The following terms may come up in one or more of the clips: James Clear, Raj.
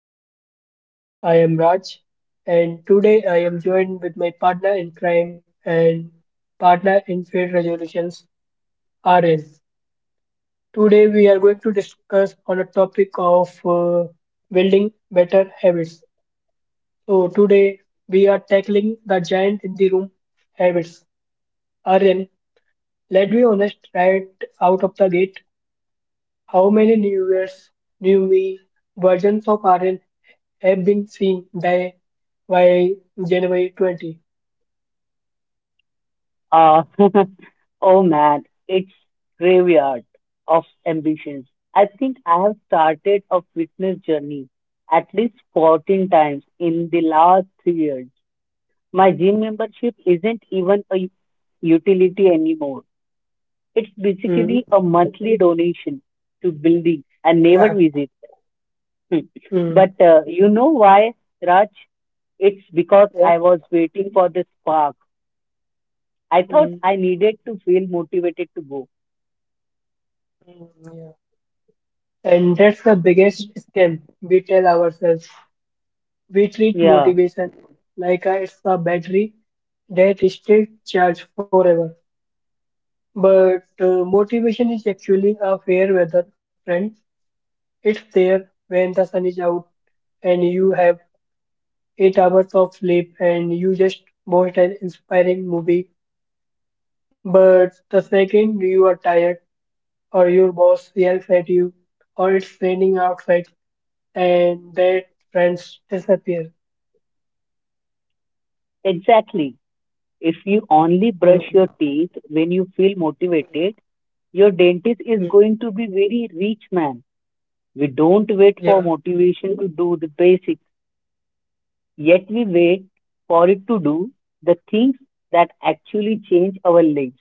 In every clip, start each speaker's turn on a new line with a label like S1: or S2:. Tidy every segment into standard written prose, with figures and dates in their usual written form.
S1: pod. I am Raj, and today I am joined with my partner in crime and partner in field resolutions, RN. Today we are going to discuss on a topic of building better habits. So today we are tackling the giant in the room, habits. RN, let's be honest, right out of the gate, how many New Year's, new me versions of RN have been seen by by January 20.
S2: Uh, oh man, it's graveyard of ambitions. I think I have started a fitness journey at least 14 times in the last 3 years. My gym membership isn't even a utility anymore. It's
S1: Mm,
S2: basically a monthly donation to building I never
S1: yeah.
S2: visit. Hmm.
S1: Mm,
S2: But you know why, Raj? It's because I
S1: yeah.
S2: was waiting for the spark. I thought
S1: Mm,
S2: I needed to feel motivated to go.
S1: mm, yeah. And that's the biggest scam we tell ourselves. We treat
S2: Yeah,
S1: motivation it's a battery that stays charged forever. But motivation is actually a fair weather friend. It's there when the sun is out and you have 8 hours of sleep and you just watched an inspiring movie. But the second you are tired, or your boss yells at you, or it's raining outside, and that friends disappear.
S2: exactly. If you only brush your
S1: Mm.
S2: teeth when you feel motivated, your dentist is
S1: Mm.
S2: going to be very rich man. We don't wait for
S1: Yeah.
S2: motivation to do the basics, yet we wait for it to do the things that actually change our lives.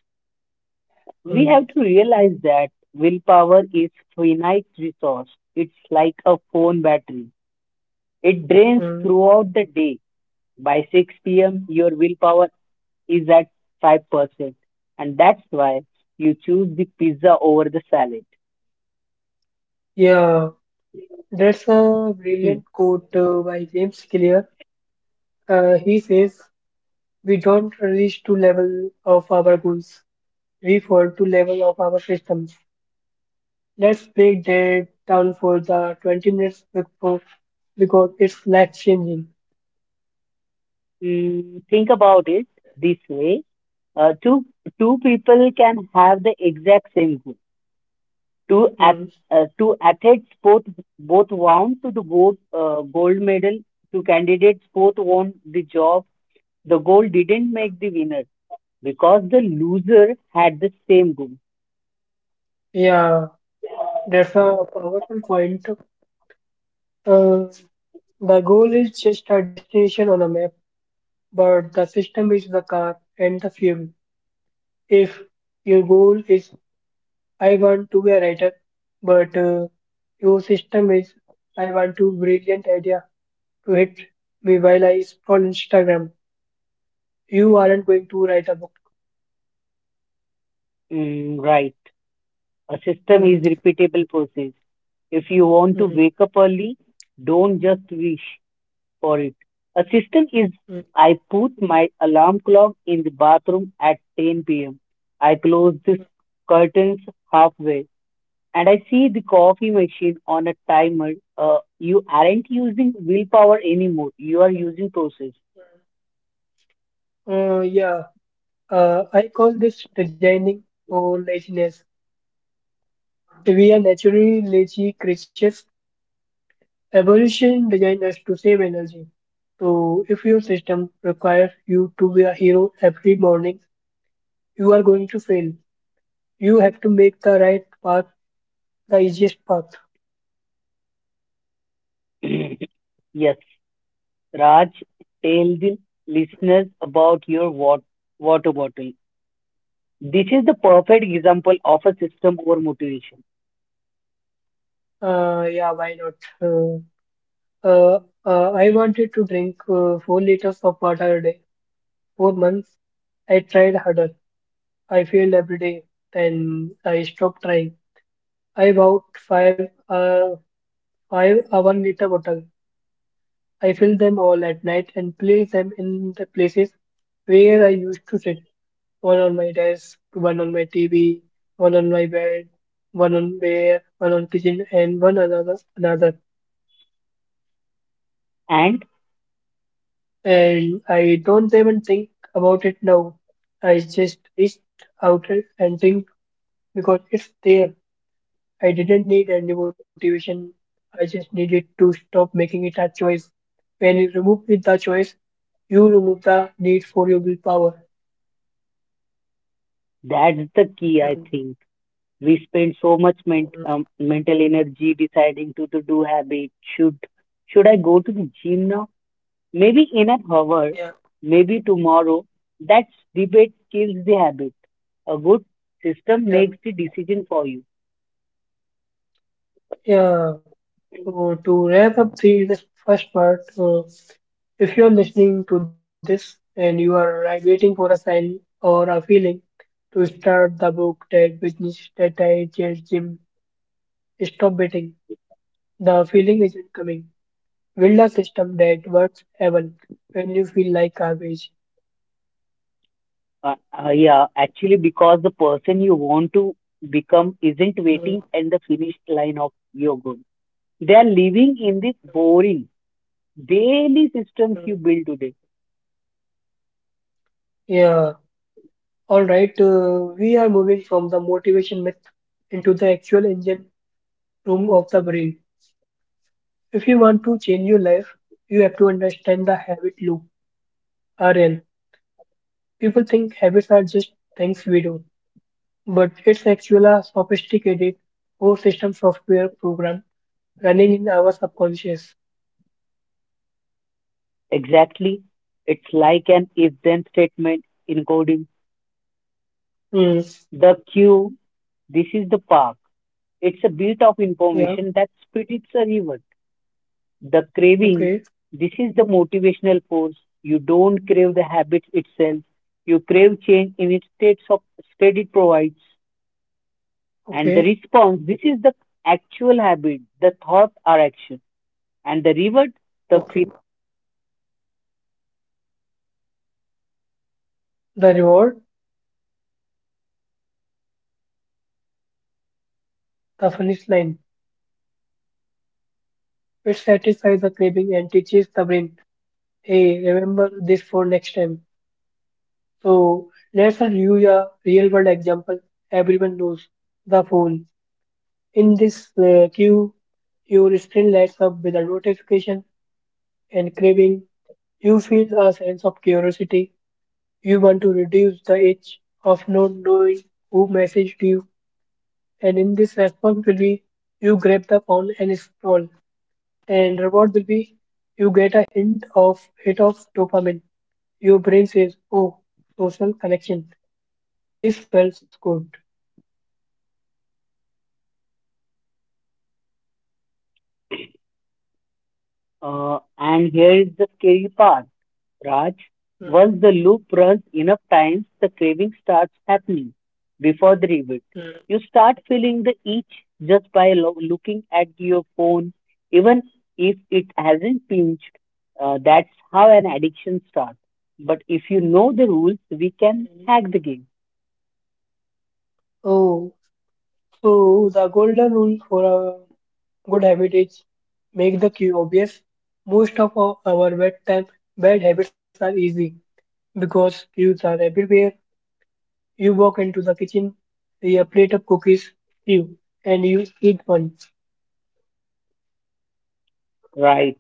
S2: We
S1: Mm.
S2: have to realize that willpower is finite resource. It's like a phone battery. It drains
S1: Mm.
S2: throughout the day. By 6 p.m., your willpower is at 5%. And that's why you choose the pizza over the salad.
S1: Yeah. That's a
S2: Hmm.
S1: brilliant quote by James Clear. He says, we don't reach to level of our goals. We fall to level of our systems. Let's break that down for the 20 minutes before because it's life changing.
S2: Think about it this way. Uh, two, two people can have the exact same goal. Two at, to athletes both want to the gold medal, two candidates both want the job. The goal didn't make the winner because the loser had the same goal.
S1: Yeah, that's a powerful point. Uh, the goal is just a destination on a map, but the system is the car and the fuel. If your goal is I want to be a writer, but your system is I want to brilliant idea to hit me while I scroll Instagram, you aren't going to write a book.
S2: Right. A system
S1: Mm,
S2: is repeatable process. If you want to
S1: mm,
S2: wake up early, don't just wish for it. A system is
S1: mm.
S2: I put my alarm clock in the bathroom at 10 p.m. I close the
S1: Mm.
S2: curtains halfway and I see the coffee machine on a timer. You aren't using willpower anymore. You are using process.
S1: Yeah, I call this designing or laziness. We are naturally lazy creatures. Evolution designed us to save energy. So, if your system requires you to be a hero every morning, you are going to fail. You have to make the right path the easiest path.
S2: Yes, Raj, tell the listeners about your water bottle. This is the perfect example of a system over motivation.
S1: Yeah, why not? Uh, uh, I wanted to drink 4 liters of water a day. For months, I tried harder. I failed every day. Then I stopped trying. I bought five a 1 liter bottle. I fill them all at night and place them in the places where I used to sit. One on my desk, one on my TV, one on my bed, one on where, one on kitchen, and one another.
S2: And
S1: And I don't even think about it now. I just reach out and think because it's there. I didn't need any motivation. I just needed to stop making it a choice. When you remove it the choice, you remove the need for your willpower.
S2: that's the key, I
S1: Mm,
S2: think. We spend so much
S1: mm.
S2: mental energy deciding to do habit. Should I go to the gym now? Maybe in an hour,
S1: Yeah.
S2: maybe tomorrow. That debate kills the habit. A good system
S1: Yeah,
S2: makes the decision for you.
S1: yeah. So to wrap up the this first part, if you're listening to this and you are right waiting for a sign or a feeling to start the book, that business, that I just gym, stop waiting. The feeling isn't coming. Build a system that works even when you feel like garbage.
S2: Uh, yeah, actually, because the person you want to become isn't
S1: Mm,
S2: waiting at the finish line of your goal. They are living in this boring daily systems you
S1: mm.
S2: build today.
S1: Yeah. All right. We are moving from the motivation myth into the actual engine room of the brain. If you want to change your life, you have to understand the habit loop (RL). People think habits are just things we do, but it's actually a sophisticated whole system software program running in our subconscious.
S2: Exactly. It's like an if then statement in coding.
S1: Hmm.
S2: The queue, this is the park. It's a bit of
S1: Yeah.
S2: information that spits a river. The craving,
S1: Okay.
S2: this is the motivational force. You don't crave the habit itself. You crave change in its states of state it provides. And the
S1: Okay.
S2: response, this is the actual habit, the thought or action. And the reward, the
S1: Okay. The reward, the finish line. It satisfies the craving and teaches the brain, hey, remember this for next time. So let's review a real world example everyone knows the phone. In this queue, your screen lights up with a notification and craving. You feel a sense of curiosity. You want to reduce the itch of not knowing who messaged you. And in this response will be you grab the phone and scroll. And reward will be you get a hint of hit of dopamine. Your brain says, "Oh, social connection. This feels good."
S2: And here is the scary part, Raj.
S1: Mm,
S2: Once the loop runs enough times, the craving starts happening before the rivet.
S1: mm,
S2: You start feeling the itch just by looking at your phone, even if it hasn't pinched. That's how an addiction starts. But if you know the rules, we can
S1: mm.
S2: hack the game,
S1: Oh. So the golden rule for a good habit is make the cue obvious. Most of our bad habits are easy because cues are everywhere. You walk into the kitchen, see a plate of cookies, you and you eat one.
S2: right?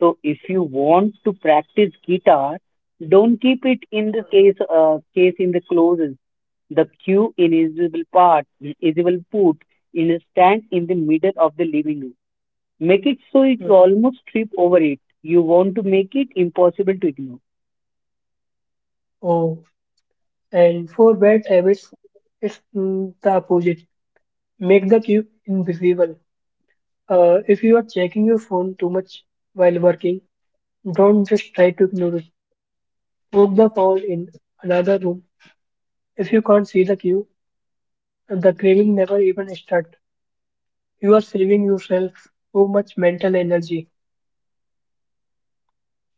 S2: So if you want to practice guitar, don't keep it in the case in the closet. The cue invisible part, invisible put in a stand in the middle of the living room. Make it so it
S1: Mm.
S2: almost trip over it. You want to make it impossible to ignore.
S1: Oh, and for bad habits, it's the opposite. Make the cue invisible. If you are checking your phone too much while working, don't just try to ignore it. Book the call in another room. If you can't see the queue, the craving never even starts. You are saving yourself so much mental energy.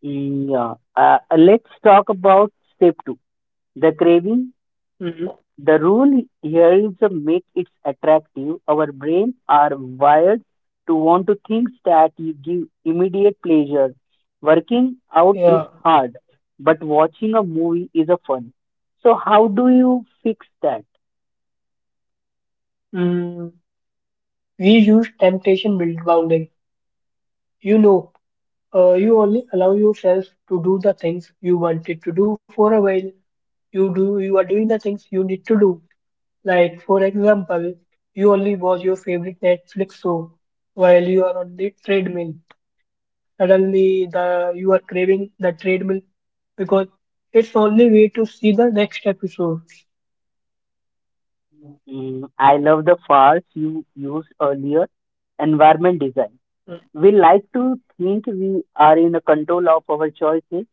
S2: Yeah. Let's talk about step two, the craving.
S1: Mm,
S2: The rule here is to make it attractive. Our brains are wired to want to things that you give immediate pleasure. Working out is
S1: yeah.
S2: hard, but watching a movie is a fun. So how do you fix that?
S1: Mm, we use temptation build bounding. You know, you only allow yourself to do the things you wanted to do for a while. You are doing the things you need to do. Like, for example, you only watch your favorite Netflix show while you are on the treadmill. Suddenly the you are craving the treadmill because it's only way to see the next episode.
S2: I love the phrase you used earlier, environment design.
S1: Mm.
S2: We like to think we are in a control of our choices,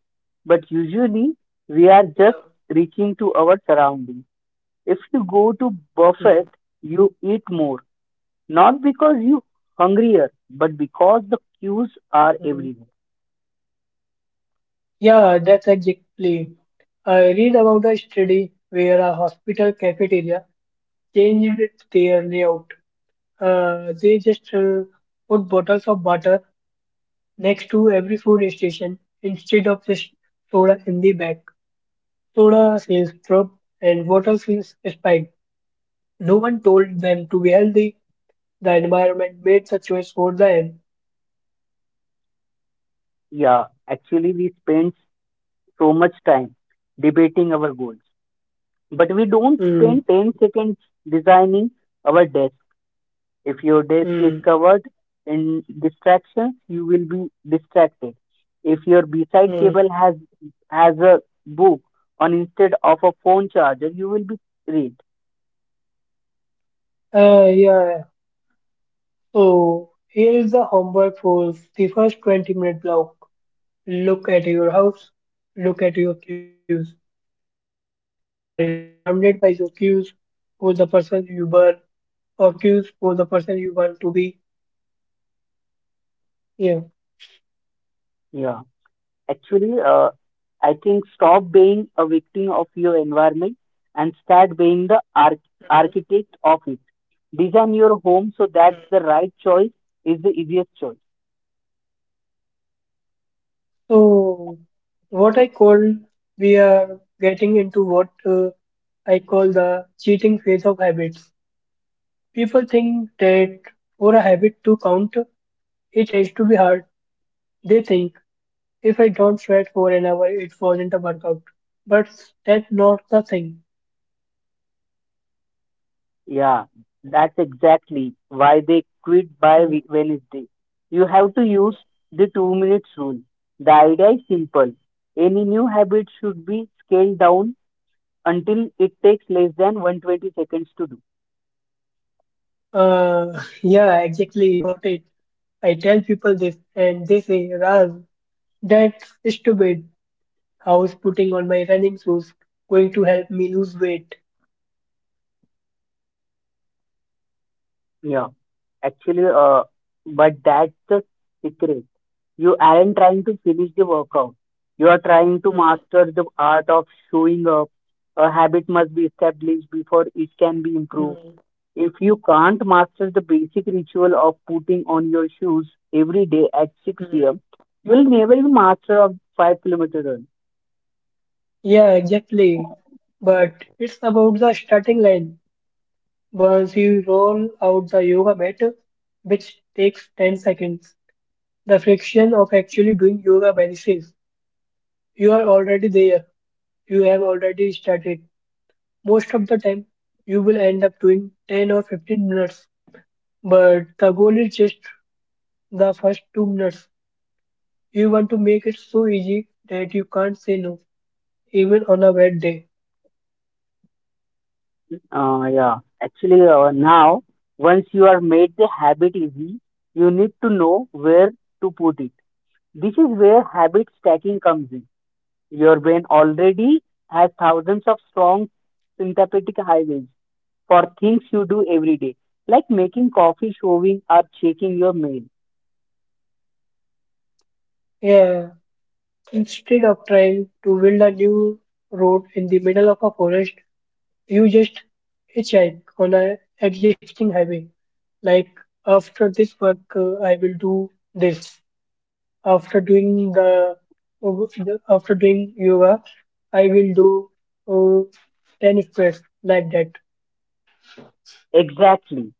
S2: but usually we are
S1: Yeah.
S2: just reaching to our surroundings. If you go to buffet,
S1: Mm,
S2: you eat more, not because you hungrier, but because the queues are
S1: mm.
S2: everywhere.
S1: Yeah, that's exactly. I read about a study where a hospital cafeteria changed their layout. They just put bottles of water next to every food station instead of just soda in the back. Soda feels strong and water feels spiked. No one told them to be healthy. The environment made the choice for them.
S2: Yeah, actually we spend so much time debating our goals, but we don't
S1: Hmm.
S2: spend 10 seconds designing our desk. If your desk is
S1: Hmm.
S2: covered in distractions, you will be distracted. If your beside
S1: Hmm.
S2: table has a book on instead of a phone charger, you will be read.
S1: Yeah. So here is the homework for the first 20-minute block. Look at your house. Look at your cues. Are you surrounded by your cues for the person you were or cues for the person you want to be? Yeah.
S2: Yeah, actually, I think stop being a victim of your environment and start being the architect of it. Design your home so that the right choice is the easiest choice.
S1: So what I call we are getting into what I call the cheating phase of habits. People think that for a habit to count, it has to be hard. They think if I don't sweat for an hour, it wasn't a workout. But that's not the thing.
S2: Yeah, that's exactly why they quit by
S1: Mm.
S2: Wednesday. You have to use the 2 minutes rule. The idea is simple. Any new habit should be scaled down until it takes less than 120 seconds to do.
S1: Yeah, exactly, you got it. I tell people this, and they say, Raz, that's stupid. How's putting on my running shoes going to help me lose weight?
S2: Yeah. Actually, but that's the secret. You aren't trying to finish the workout. You are trying to
S1: Mm.
S2: master the art of showing up. A habit must be established before it can be improved.
S1: Mm.
S2: If you can't master the basic ritual of putting on your shoes every day at 6 p.m.,
S1: Mm.
S2: you will never be master of 5-kilometer run.
S1: Yeah, exactly. But it's about the starting line. Once you roll out the yoga mat, which takes 10 seconds, the friction of actually doing yoga vanishes. You are already there. You have already started. Most of the time, you will end up doing 10 or 15 minutes, but the goal is just the first 2 minutes. You want to make it so easy that you can't say no, even on a wet day.
S2: Yeah, actually, now once you are made the habit easy, you need to know where to put it. This is where habit stacking comes in. Your brain already has thousands of strong sympathetic highways for things you do every day, like making coffee, showing up, checking your mail.
S1: Yeah, instead of trying to build a new road in the middle of a forest, you just hitchhike on a existing highway. Like after this work, I will do this. After doing the after doing yoga, I will do uh, 10 squats like that.
S2: Exactly.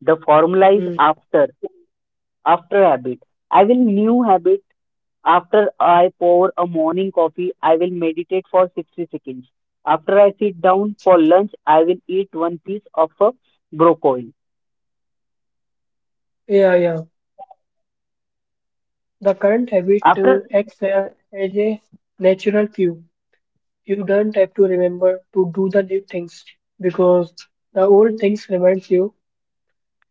S2: The formula is
S1: Mm.
S2: after, after habit. I will new habit after I pour a morning coffee, I will meditate for 60 seconds. After I sit down for lunch, I will eat one piece of a broccoli.
S1: Yeah, yeah. The current habit
S2: After
S1: acts as a natural cue. You don't have to remember to do the new things because the old things remind you.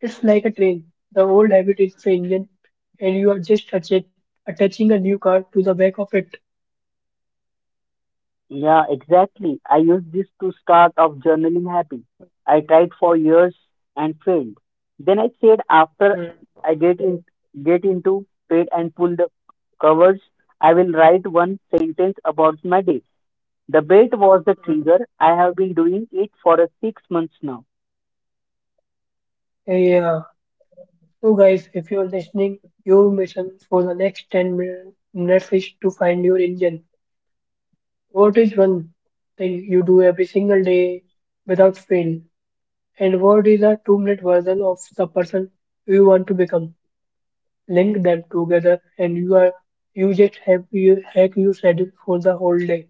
S1: It's like a train. The old habit is the engine, and you are just attaching a new car to the back of it.
S2: yeah, exactly. I used this to start off journaling happy. I tried for years and failed. Then I said after
S1: Mm-hmm.
S2: I get into bed and pull the covers, I will write one sentence about my day. The bed was the trigger. I have been doing it for a 6 months now.
S1: Yeah. So, guys, if you're listening, your mission for the next 10 minutes is to find your engine. What is one thing you do every single day without fail? And what is a 2 minute version of the person you want to become? Link them together, and you are you just have you hack your schedule for the whole day.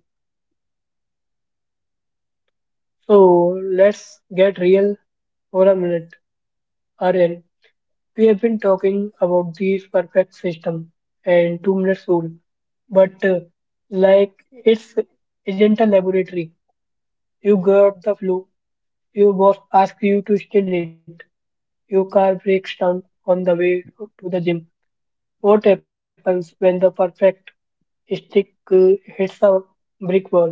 S1: So let's get real for a minute. Aryan, we have been talking about these perfect system and 2 minutes rule, but like it's isn't a laboratory. You got the flu, your boss asks you to steal it, your car breaks down on the way to the gym. What happens when the perfect stick hits a brick wall?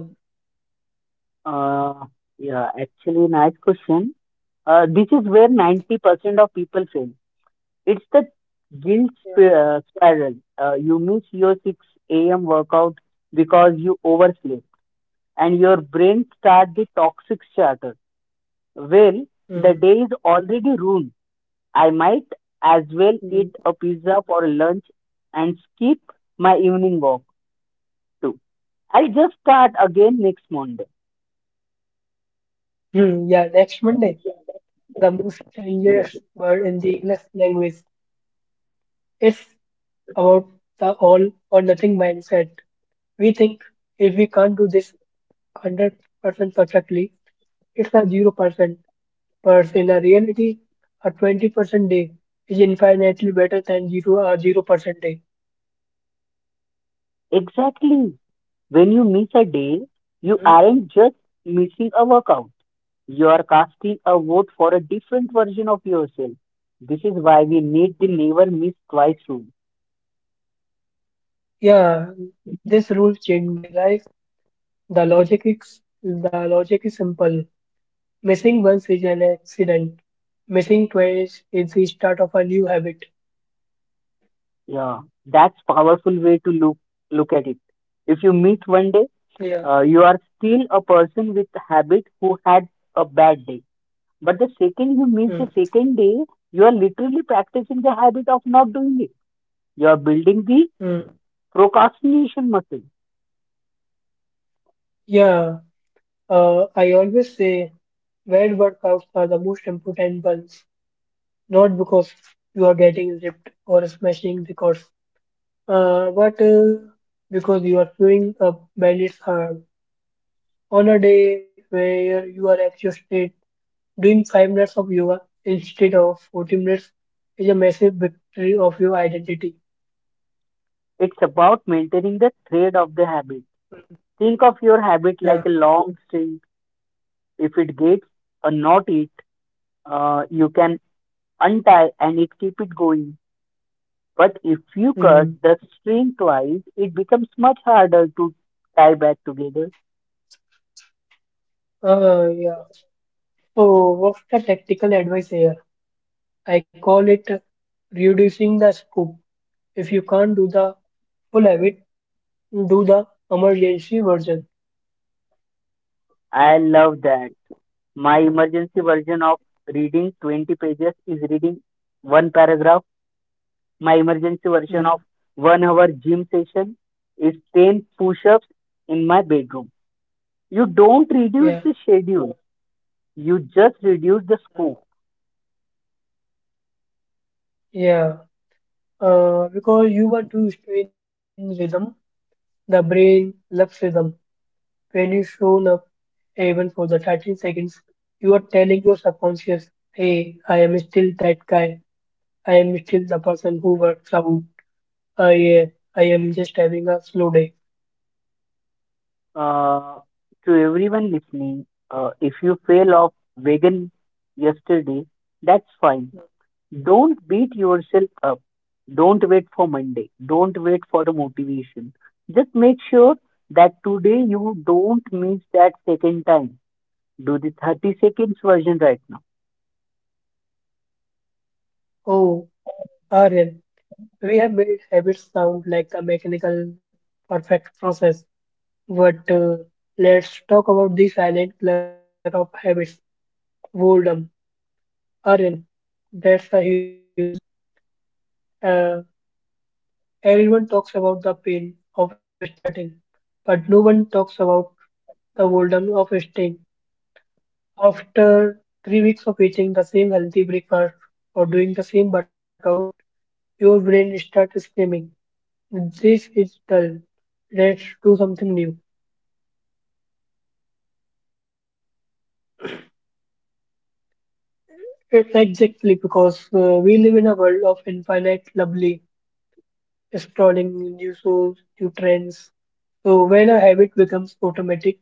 S2: Uh, yeah, actually, nice question. This is where 90% of people fail. It's the guilt
S1: Yeah.
S2: spiral. You miss your 6 a.m. workout because you overslept, and your brain starts the toxic chatter. Well, the
S1: Hmm.
S2: day is already ruined. I might as well
S1: Hmm.
S2: eat a pizza for lunch and skip my evening walk too. I'll just start again next Monday.
S1: Hmm. Yeah, next Monday. The most
S2: Yeah.
S1: dangerous word in the English language. It's about the all or nothing mindset. We think if we can't do this 100% perfectly, it's a 0%. But in a reality, a 20% day is infinitely better than zero or 0% day.
S2: Exactly. When you miss a day, you
S1: Mm,
S2: aren't just missing a workout. You are casting a vote for a different version of yourself. This is why we need the
S1: mm.
S2: never miss twice rule.
S1: Yeah, this rule changed my life. The logic is simple. Missing once is an accident. Missing twice is the start of a new habit.
S2: Yeah, that's powerful way to look at it. If you meet one day,
S1: Yeah.
S2: you are still a person with habit who had a bad day. But the second you meet the
S1: Mm,
S2: second day, you are literally practicing the habit of not doing it. You are building the
S1: mm.
S2: procrastination muscle.
S1: Yeah, I always say bad workouts are the most important ones, not because you are getting ripped or smashing records, but because you are showing up when hard. On a day where you are exhausted, doing 5 minutes of yoga instead of 40 minutes is a massive victory of your identity.
S2: It's about maintaining the thread of the habit. Think of your habit
S1: Yeah.
S2: like a long string. If it gets a knot, it you can untie and it keep it going. But if you cut
S1: Mm.
S2: the string twice, it becomes much harder to tie back together.
S1: Yeah. So what's the tactical advice here? I call it reducing the scope. If you can't do the full habit, do the emergency version.
S2: I love that. My emergency version of reading 20 pages is reading one paragraph. My emergency version of
S1: Mm.
S2: 1 hour gym session is 10 push ups in my bedroom. You don't reduce
S1: Yeah,
S2: the schedule, you just reduce the scope.
S1: yeah. Because you are too strain rhythm, the brain loves rhythm. When you shown up even for the 13 seconds, you are telling your subconscious, hey, I am still that guy. I am still the person who works out. I, I am just having a slow day.
S2: Uh, to everyone listening, if you fail off vegan yesterday, that's fine. Don't beat yourself up. Don't wait for Monday. Don't wait for the motivation. Just make sure that today you don't miss that second time. Do the 30 seconds version right now.
S1: Oh, RL, we have made habits sound like a mechanical perfect process. But let's talk about the silent killer of habits, boredom. Aryan, that's a huge. Uh, Everyone talks about the pain of starting, but no one talks about the boredom of staying. After 3 weeks of eating the same healthy breakfast or doing the same workout, your brain starts screaming, this is dull. Let's do something new. It's exactly because we live in a world of infinite lovely scrolling new shows, new trends. So when a habit becomes automatic,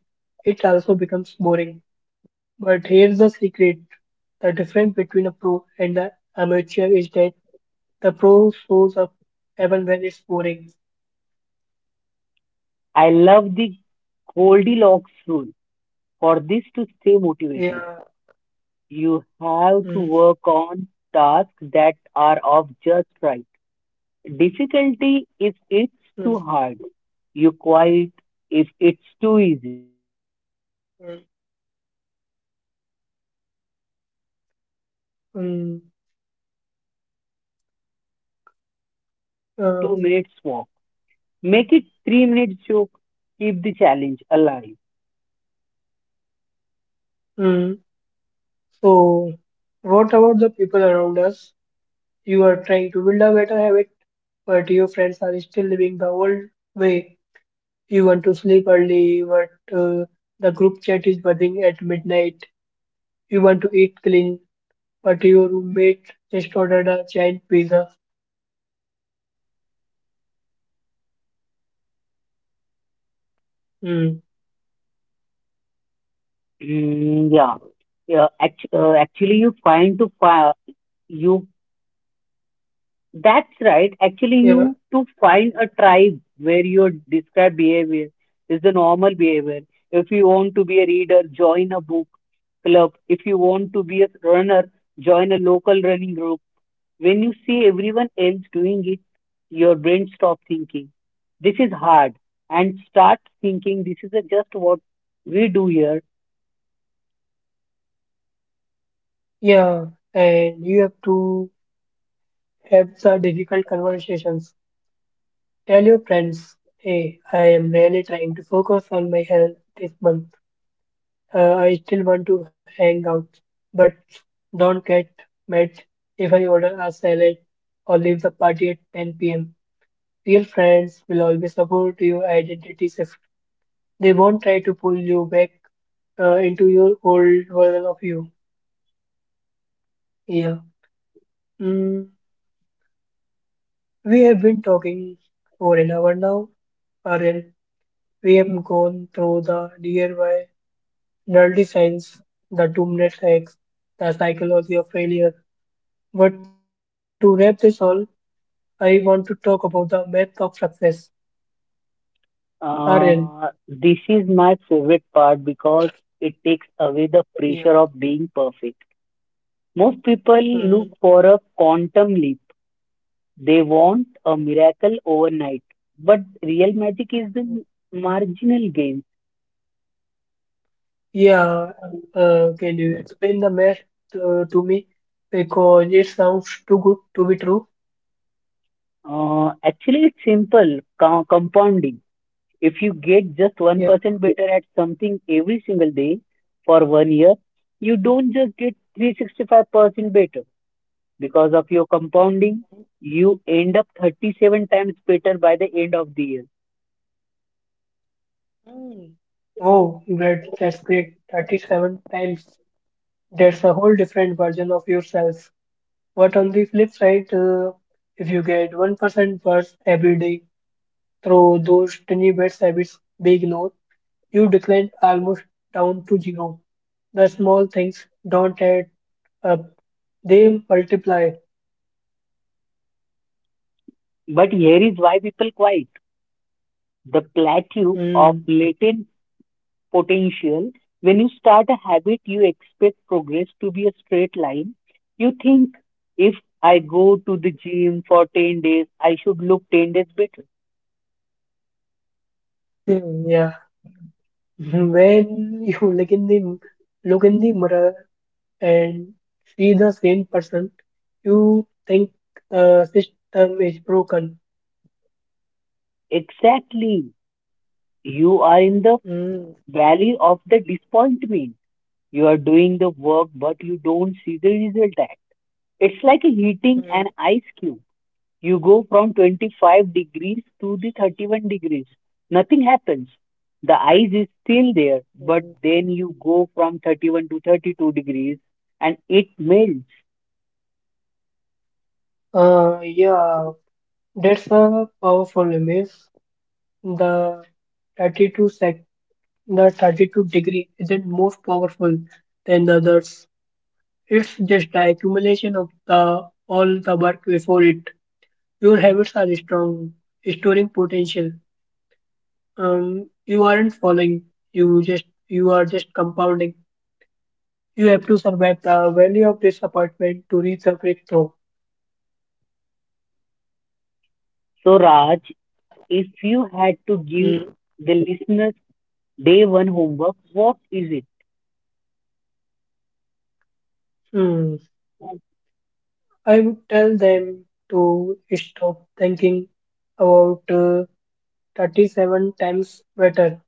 S1: it also becomes boring. But here's the secret. The difference between a pro and the amateur is that the pro shows up even when it's boring.
S2: I love the Goldilocks rule. For this to motivated,
S1: Yeah.
S2: you have to
S1: Mm,
S2: work on tasks that are of just right difficulty if it's
S1: mm,
S2: too hard. You quit if it's too easy. You get
S1: mm,
S2: bored. You have to keep pushing the needle just 1%
S1: mm,
S2: further to keep the brain engaged. If you bored of your
S1: uh,
S2: 2 minutes walk, make it 3 minutes joke. Keep the challenge alive.
S1: mm. So what about the people around us? You are trying to build a better habit, but your friends are still living the old way. You want to sleep early, but uh, the group chat is buzzing at midnight. You want to eat clean, but your roommate just ordered a giant pizza. Hmm.
S2: Yeah. Actually, you that's right. Actually,
S1: Yeah,
S2: you to find a tribe where your described behavior is the normal behavior. If you want to be a reader, join a book club. If you want to be a runner, join a local running group. When you see everyone else doing it, your brain stops thinking, this is hard, and start thinking, this is a just what we do here.
S1: yeah, and you have to have the difficult conversations. Tell your friends, hey, I am really trying to focus on my health this month. I still want to hang out, but don't get mad if I order a salad or leave the party at 10 p.m. Real friends will always support your identity shift. They won't try to pull you back into your old version of you. Yeah. Mm, we have been talking for an hour now, Aryan. We have gone through the DIY, nerdy science, the doomsday hacks, the psychology of failure. But to wrap this all, I want to talk about the math of success. Aryan.
S2: This is my favorite part because it takes away the pressure
S1: Yeah.
S2: of being perfect. Most people look
S1: Mm.
S2: for a quantum leap. They want a
S1: mm,
S2: miracle overnight. But real magic is the
S1: mm.
S2: marginal gain.
S1: Yeah, can you explain the math to me? Because it sounds too good to be true.
S2: Actually, it's simple compounding. If you get just
S1: Yeah.
S2: 1% better at something every single day for 1 year, you don't just get 365% better. Because of your compounding, you end up 37 times better by the end of the year.
S1: Mm. Oh, great. That's great. 37 times. That's a whole different version of yourself. But on the flip side, if you get 1% worse every day through those tiny bad habits we ignore, you decline almost down to zero. The small things don't add up, they multiply.
S2: But here is why people quit the plateau
S1: Hmm.
S2: of latent potential. When you start a habit, you expect progress to be a straight line. You think if I go to the gym for 10 days, I should look 10 days better.
S1: Hmm, yeah, when you look in the mirror and see the same person, you think the system is broken.
S2: Exactly. You are in the
S1: Mm,
S2: valley of the disappointment. You are doing the work, but you don't see the result. At. It's like heating an
S1: mm,
S2: ice cube. You go from 25 degrees to the 31 degrees. Nothing happens. The ice is still there, but
S1: mm.
S2: then you go from 31 to 32 degrees and it melts.
S1: Yeah, that's a powerful image. The 32 sec, the 32-degree isn't most powerful than the others. It's just the accumulation of the all the work before it. Your habits are strong, storing potential. You aren't falling. You are just compounding. You have to survive the valley of disappointment to reach the breakthrough.
S2: So, Raj, if you had to give
S1: Mm.
S2: the listeners day one homework, what is it?
S1: Hmm. I would tell them to stop thinking about 37 times better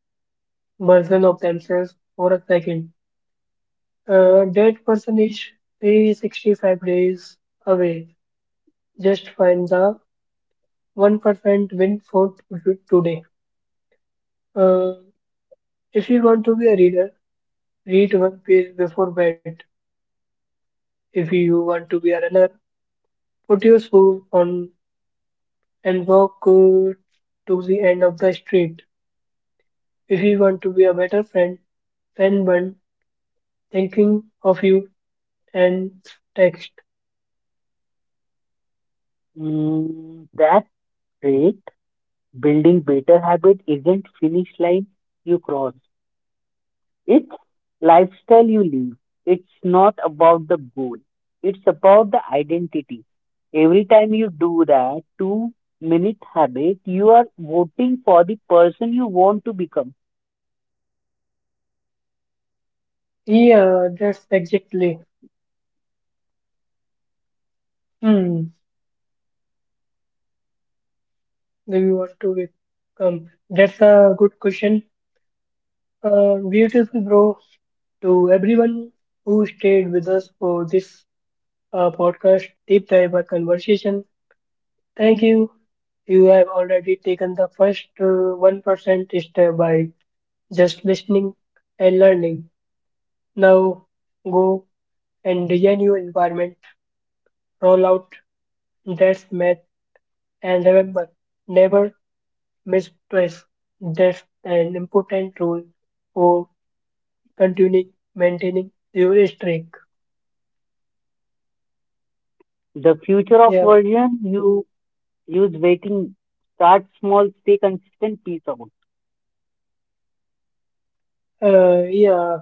S1: version of themselves for a second. That person is 365 days away. Just find the 1% win for today. Uh, if you want to be a reader, read one page before bed. If you want to be a runner, put your shoes on and walk to the end of the street. If you want to be a better friend, send one thinking of you and text.
S2: Mm, that's great. Building better habit isn't finish line you cross. It's lifestyle you live. It's not about the goal. It's about the identity. Every time you do that 2 minute habit, you are voting for the person you want to become.
S1: Yeah, that's exactly. Hmm, do you want to become? That's a good question. Beautiful, bro. To everyone who stayed with us for this podcast, deep dive our conversation. Thank you. You have already taken the first 1% step by just listening and learning. Now go and design your environment, roll out that's math, and remember never miss twice. That's an important rule for continuing maintaining your streak.
S2: The future of
S1: Yeah,
S2: version you use waiting. Start small, stay consistent, peace out.
S1: yeah.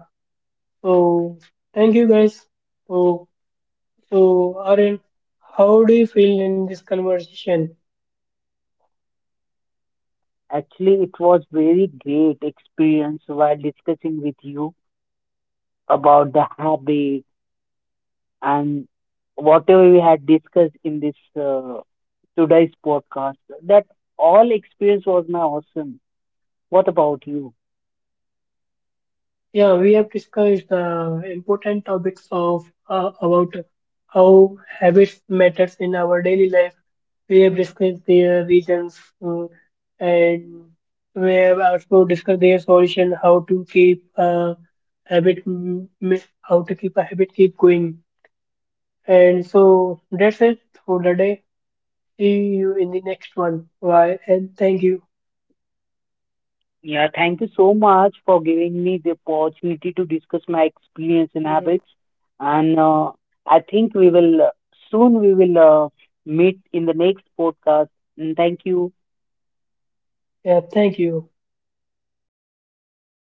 S1: So thank you guys. So, so Aryan, how do you feel in this conversation?
S2: Actually, it was very great experience while discussing with you about the habit and whatever we had discussed in this uh, today's podcast, that all experience was my awesome. What about you?
S1: Yeah, we have discussed the important topics of about how habits matters in our daily life. We have discussed their reasons, uh, and we have also discussed their solution, how to keep a habit, how to keep a habit keep going. And so that's it for the day. See you in the next one. Bye, and thank you.
S2: Yeah, thank you so much for giving me the opportunity to discuss my experience and
S1: Mm,
S2: habits. And I think we will soon we will meet in the next podcast. And thank you.
S1: yeah, thank you.